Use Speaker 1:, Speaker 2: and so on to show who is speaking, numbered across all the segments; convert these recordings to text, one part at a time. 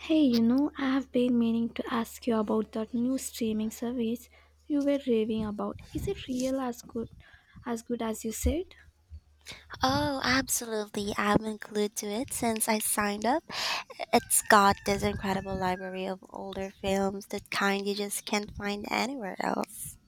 Speaker 1: Hey, you know, I have been meaning to ask you about that new streaming service you were raving about. Is it real as good as good as you said?
Speaker 2: Oh, absolutely. I've been glued to it since I signed up. It's got this incredible library of older films, the kind you just can't find anywhere else.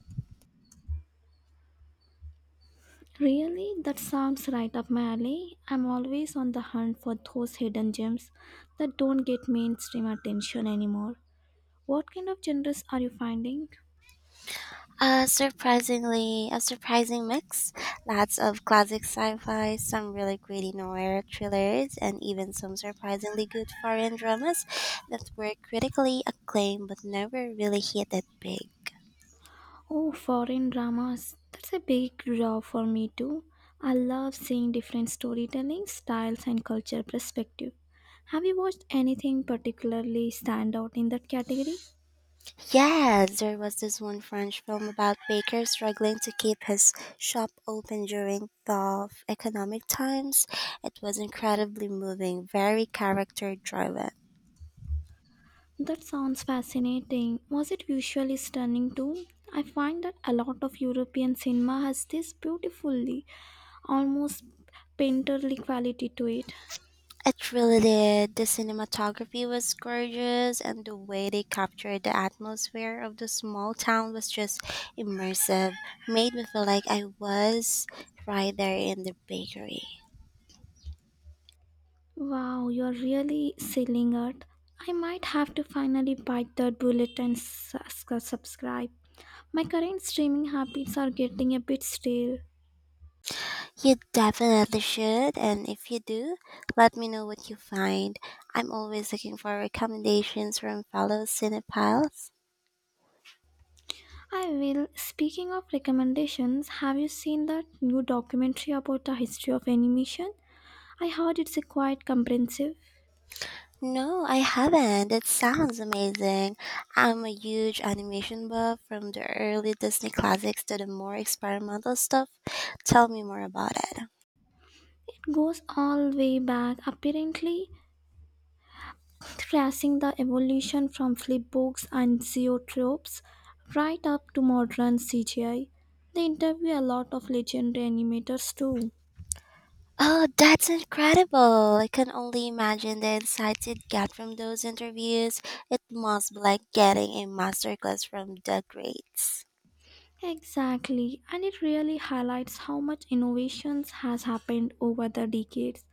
Speaker 1: Really? That sounds right up my alley. I'm always on the hunt for those hidden gems that don't get mainstream attention anymore. What kind of genres are you finding?
Speaker 2: A surprising mix. Lots of classic sci-fi, some really gritty noir thrillers, and even some surprisingly good foreign dramas that were critically acclaimed but never really hit it big.
Speaker 1: Oh, foreign dramas. That's a big draw for me too. I love seeing different storytelling styles and culture perspective. Have you watched anything particularly stand out in that category?
Speaker 2: Yes, there was this one French film about baker struggling to keep his shop open during tough economic times. It was incredibly moving, very character driven.
Speaker 1: That sounds fascinating. Was it visually stunning too? I find that a lot of European cinema has this beautifully, almost painterly quality to it.
Speaker 2: It really did. The cinematography was gorgeous, and the way they captured the atmosphere of the small town was just immersive. Made me feel like I was right there in the bakery.
Speaker 1: Wow, you're really selling it. I might have to finally bite that bullet and subscribe. My current streaming habits are getting a bit stale.
Speaker 2: You definitely should, and if you do, let me know what you find. I'm always looking for recommendations from fellow cinephiles.
Speaker 1: I will. Speaking of recommendations, have you seen that new documentary about the history of animation? I heard it's a quite comprehensive.
Speaker 2: No, I haven't. It sounds amazing. I'm a huge animation buff from the early Disney classics to the more experimental stuff. Tell me more about it.
Speaker 1: It goes all way back, apparently tracing the evolution from flip books and zoetropes right up to modern CGI. They interview a lot of legendary animators too.
Speaker 2: Oh, that's incredible. I can only imagine the insights you'd get from those interviews. It must be like getting a masterclass from the greats.
Speaker 1: Exactly, and it really highlights how much innovations has happened over the decades.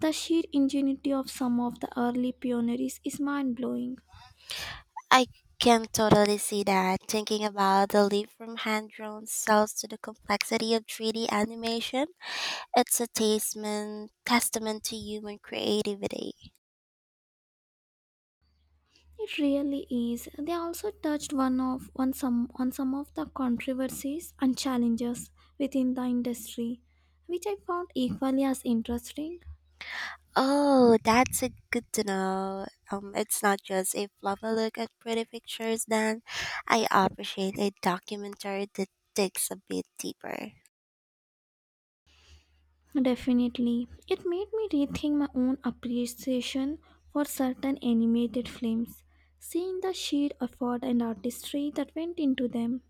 Speaker 1: The sheer ingenuity of some of the early pioneers is mind-blowing.
Speaker 2: I can totally see that. Thinking about the leap from hand drawn cells to the complexity of 3D animation, it's a testament to human creativity.
Speaker 1: It really is. They also touched one of on some of the controversies and challenges within the industry, which I found equally as interesting.
Speaker 2: Oh, that's a good to know. It's not just a fluffy look at pretty pictures, then. I appreciate a documentary that digs a bit deeper.
Speaker 1: Definitely. It made me rethink my own appreciation for certain animated films, seeing the sheer effort and artistry that went into them.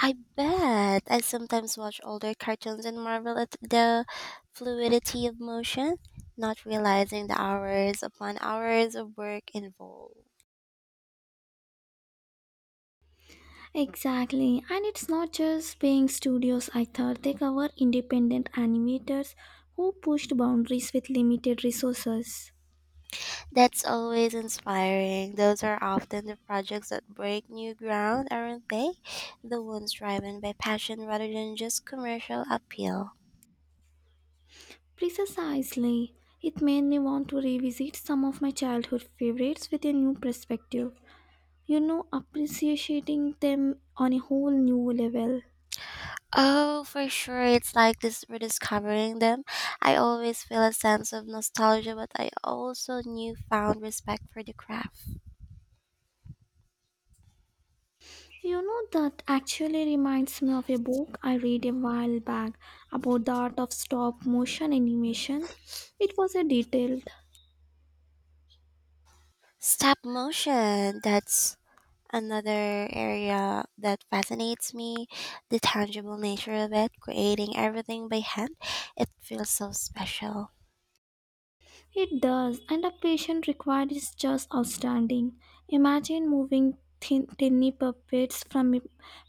Speaker 2: I bet. I sometimes watch older cartoons and marvel at the fluidity of motion, not realizing the hours upon hours of work involved.
Speaker 1: Exactly, and it's not just paying studios either, they cover independent animators who pushed boundaries with limited resources.
Speaker 2: That's always inspiring. Those are often the projects that break new ground, aren't they? The ones driven by passion rather than just commercial appeal.
Speaker 1: Precisely, it made me want to revisit some of my childhood favorites with a new perspective, you know, appreciating them on a whole new level.
Speaker 2: Oh, for sure. It's like this rediscovering them. I always feel a sense of nostalgia, but I also newfound respect for the craft.
Speaker 1: You know, that actually reminds me of a book I read a while back about the art of stop motion animation. It was a detailed,
Speaker 2: Stop motion, that's another area that fascinates me. The tangible nature of it, creating everything by hand, it feels so special.
Speaker 1: it does, and the patient required is just outstanding. Imagine moving thin, tiny puppets from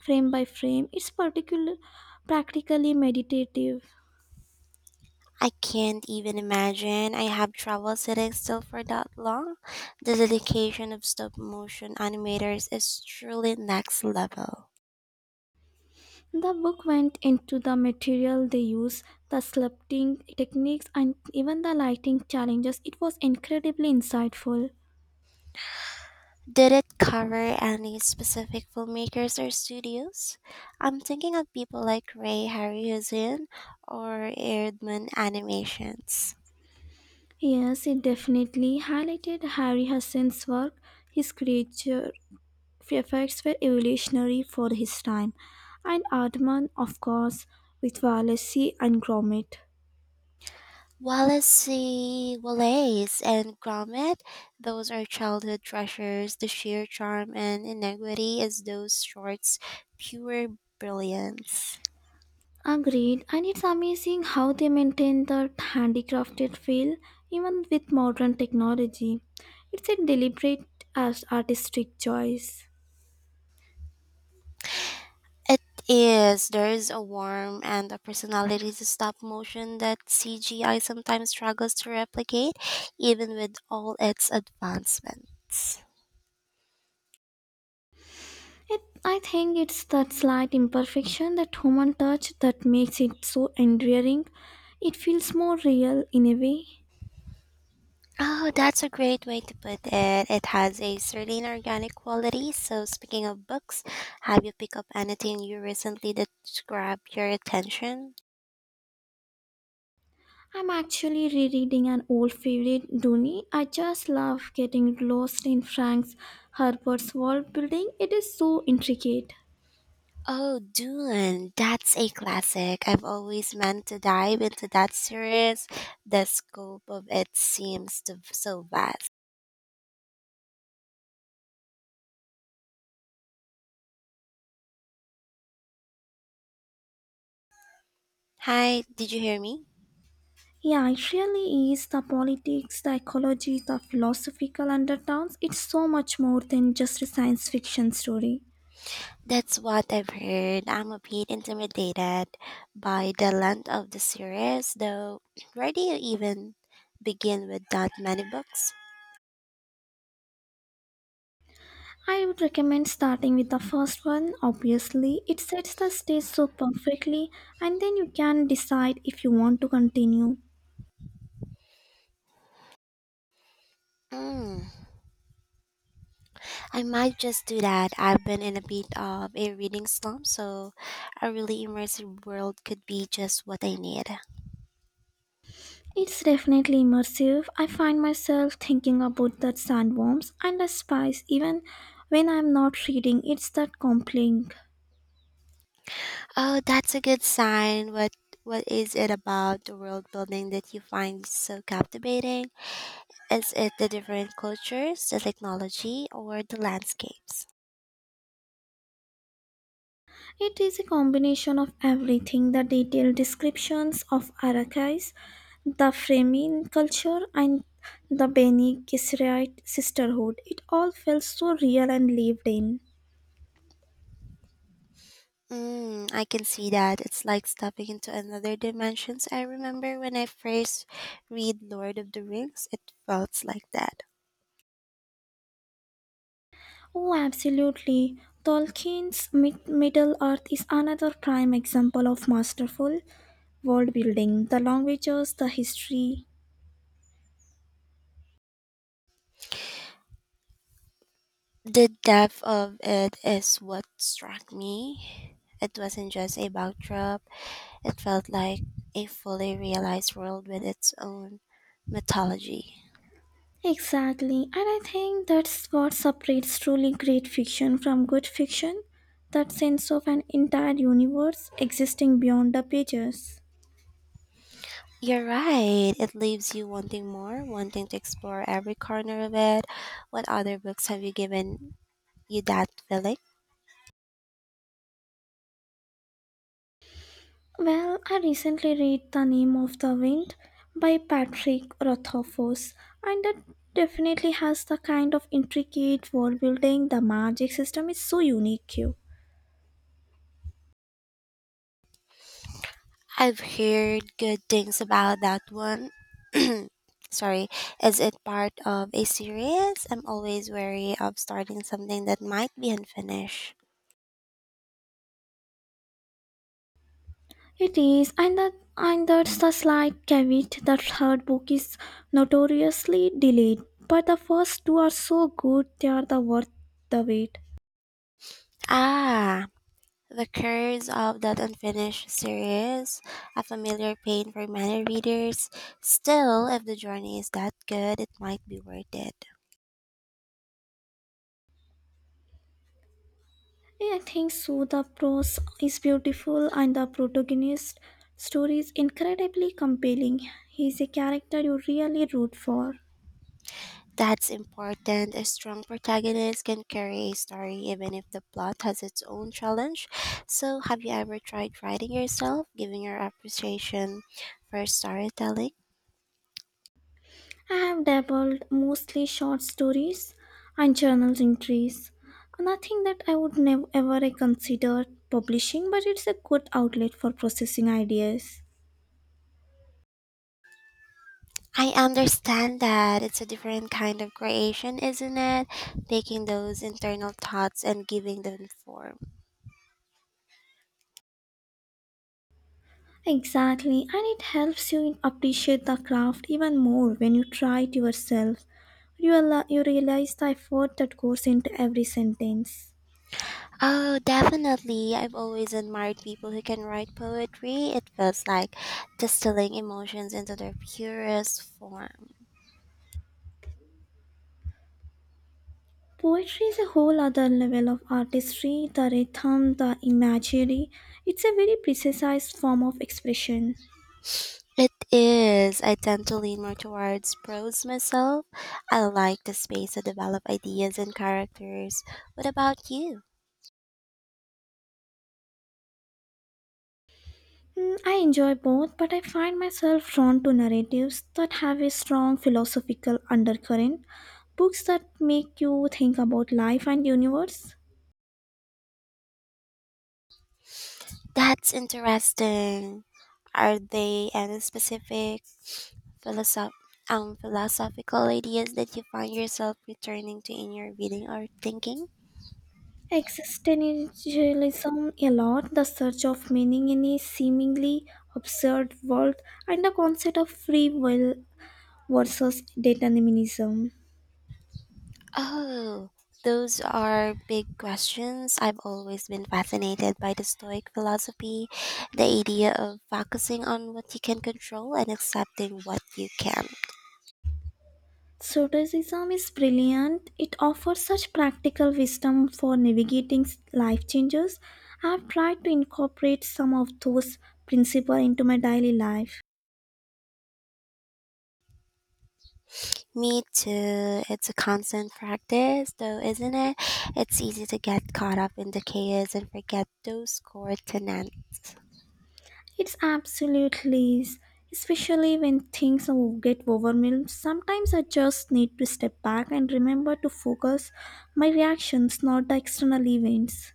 Speaker 1: frame by frame. It's particular, practically meditative.
Speaker 2: I can't even imagine I have trouble sitting still for that long. The dedication of stop motion animators is truly next level.
Speaker 1: The book went into the material they use, the sculpting techniques, and even the lighting challenges. It was incredibly insightful.
Speaker 2: Did it cover any specific filmmakers or studios? I'm thinking of people like Ray Harryhausen or Erdman Animations.
Speaker 1: Yes, it definitely highlighted Harry Hassan's work. His creature effects were evolutionary for his time, and Aardman, of course, with Wallasey and Gromit.
Speaker 2: Wallace and Gromit, those are childhood treasures. The sheer charm and inequity is those shorts pure brilliance.
Speaker 1: Agreed, and it's amazing how they maintain that handicrafted feel even with modern technology. It's a deliberate as artistic choice.
Speaker 2: It is. There is a warmth and a personality to stop motion that CGI sometimes struggles to replicate, even with all its advancements.
Speaker 1: It, I think it's that slight imperfection, that human touch that makes it so endearing. It feels more real in a way.
Speaker 2: Oh, that's a great way to put it. It has a certain organic quality. So, speaking of books, have you picked up anything you recently that grabbed your attention?
Speaker 1: I'm actually rereading an old favorite, Dooney. I just love getting lost in Frank Herbert's world building. It is so intricate.
Speaker 2: Oh, Dune. That's a classic. I've always meant to dive into that series. The scope of it seems to, so vast. Hi, did you hear me?
Speaker 1: Yeah, it really is the politics, the ecology, the philosophical undertones. It's so much more than just a science fiction story.
Speaker 2: That's what I've heard. I'm a bit intimidated by the length of the series, though. Where do you even begin with that many books?
Speaker 1: I would recommend starting with the first one, obviously. It sets the stage so perfectly, and then you can decide if you want to continue.
Speaker 2: Mm, I might just do that. I've been in a bit of a reading slump, so a really immersive world could be just what I need.
Speaker 1: It's definitely immersive. I find myself thinking about the sandworms and the spice even when I'm not reading. It's that compelling.
Speaker 2: Oh, that's a good sign. What is it about the world building that you find so captivating? Is it the different cultures, the technology, or the landscapes?
Speaker 1: It is a combination of everything the detailed descriptions of Arachis, the framing culture, and the Bene Gesserit sisterhood. It all felt so real and lived in.
Speaker 2: Mm, I can see that. It's like stepping into another dimensions. I remember when I first read Lord of the Rings, it felt like that.
Speaker 1: Oh, absolutely. Tolkien's Middle Earth is another prime example of masterful world building. The languages, the history,
Speaker 2: The depth of it is what struck me. It wasn't just a backdrop, it felt like a fully realized world with its own mythology.
Speaker 1: exactly, and I think that's what separates truly great fiction from good fiction that sense of an entire universe existing beyond the pages.
Speaker 2: You're right. It leaves you wanting more, wanting to explore every corner of it. What other books have you given you that feeling?
Speaker 1: Well, I recently read The Name of the Wind by Patrick Rothfuss, and that definitely has the kind of intricate world building. The magic system is so unique here.
Speaker 2: I've heard good things about that one. Sorry, is it part of a series? I'm always wary of starting something that might be unfinished.
Speaker 1: It is, and that's the slight caveat. The third book is notoriously delayed, but the first two are so good they are the worth the wait.
Speaker 2: Ah, the curse of that unfinished series, a familiar pain for many readers. Still, if the journey is that good, it might be worth it.
Speaker 1: Yeah, I think so. The prose is beautiful, and the protagonist story is incredibly compelling. He is a character you really root for.
Speaker 2: That's important. A strong protagonist can carry a story even if the plot has its own challenge. So, have you ever tried writing yourself, giving your appreciation for storytelling?
Speaker 1: I have dabbled mostly short stories and journal entries. Nothing that I would never ever consider publishing, but it's a good outlet for processing ideas.
Speaker 2: I understand that it's a different kind of creation, isn't it? Taking those internal thoughts and giving them form.
Speaker 1: Exactly, and it helps you appreciate the craft even more when you try it yourself. You realize the effort that goes into every sentence.
Speaker 2: Oh, definitely. I've always admired people who can write poetry. It feels like distilling emotions into their purest form.
Speaker 1: Poetry is a whole other level of artistry, the rhythm, the imagery. It's a very precise form of expression.
Speaker 2: It is. I tend to lean more towards prose myself. I like the space to develop ideas and characters. What about you?
Speaker 1: Mm, I enjoy both, but I find myself drawn to narratives that have a strong philosophical undercurrent, books that make you think about life and universe.
Speaker 2: That's interesting. Are they any specific philosoph- philosophical ideas that you find yourself returning to in your reading or thinking?
Speaker 1: Existentialism a lot, the search of meaning in a seemingly absurd world, and the concept of free will versus determinism.
Speaker 2: Oh, those are big questions. I've always been fascinated by the Stoic philosophy, the idea of focusing on what you can control and accepting what you can't.
Speaker 1: Stoicism is brilliant. It offers such practical wisdom for navigating life changes. I've tried to incorporate some of those principles into my daily life.
Speaker 2: Me too. It's a constant practice, though, isn't it? It's easy to get caught up in the chaos and forget those core tenets.
Speaker 1: It's absolutely, is, especially when things get overwhelmed. Sometimes I just need to step back and remember to focus my reactions, not the external events.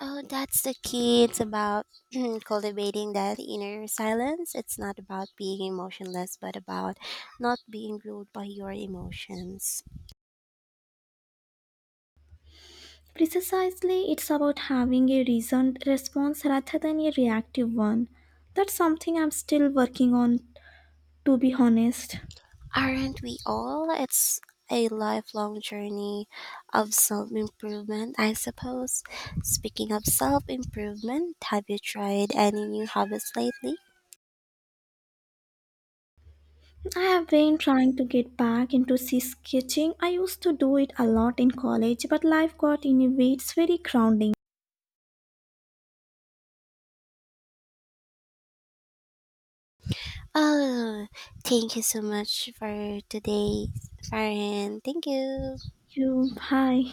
Speaker 2: Oh, that's the key. It's about cultivating that inner silence. It's not about being emotionless, but about not being ruled by your emotions.
Speaker 1: Precisely, it's about having a reasoned response rather than a reactive one. That's something I'm still working on, to be honest.
Speaker 2: Aren't we all? It's a lifelong journey of self improvement, I suppose. Speaking of self improvement, have you tried any new hobbies lately?
Speaker 1: I have been trying to get back into sea sketching. I used to do it a lot in college, but life got in a way it's very grounding.
Speaker 2: Oh, thank you so much for today, Farhan. Thank you.
Speaker 1: You, hi.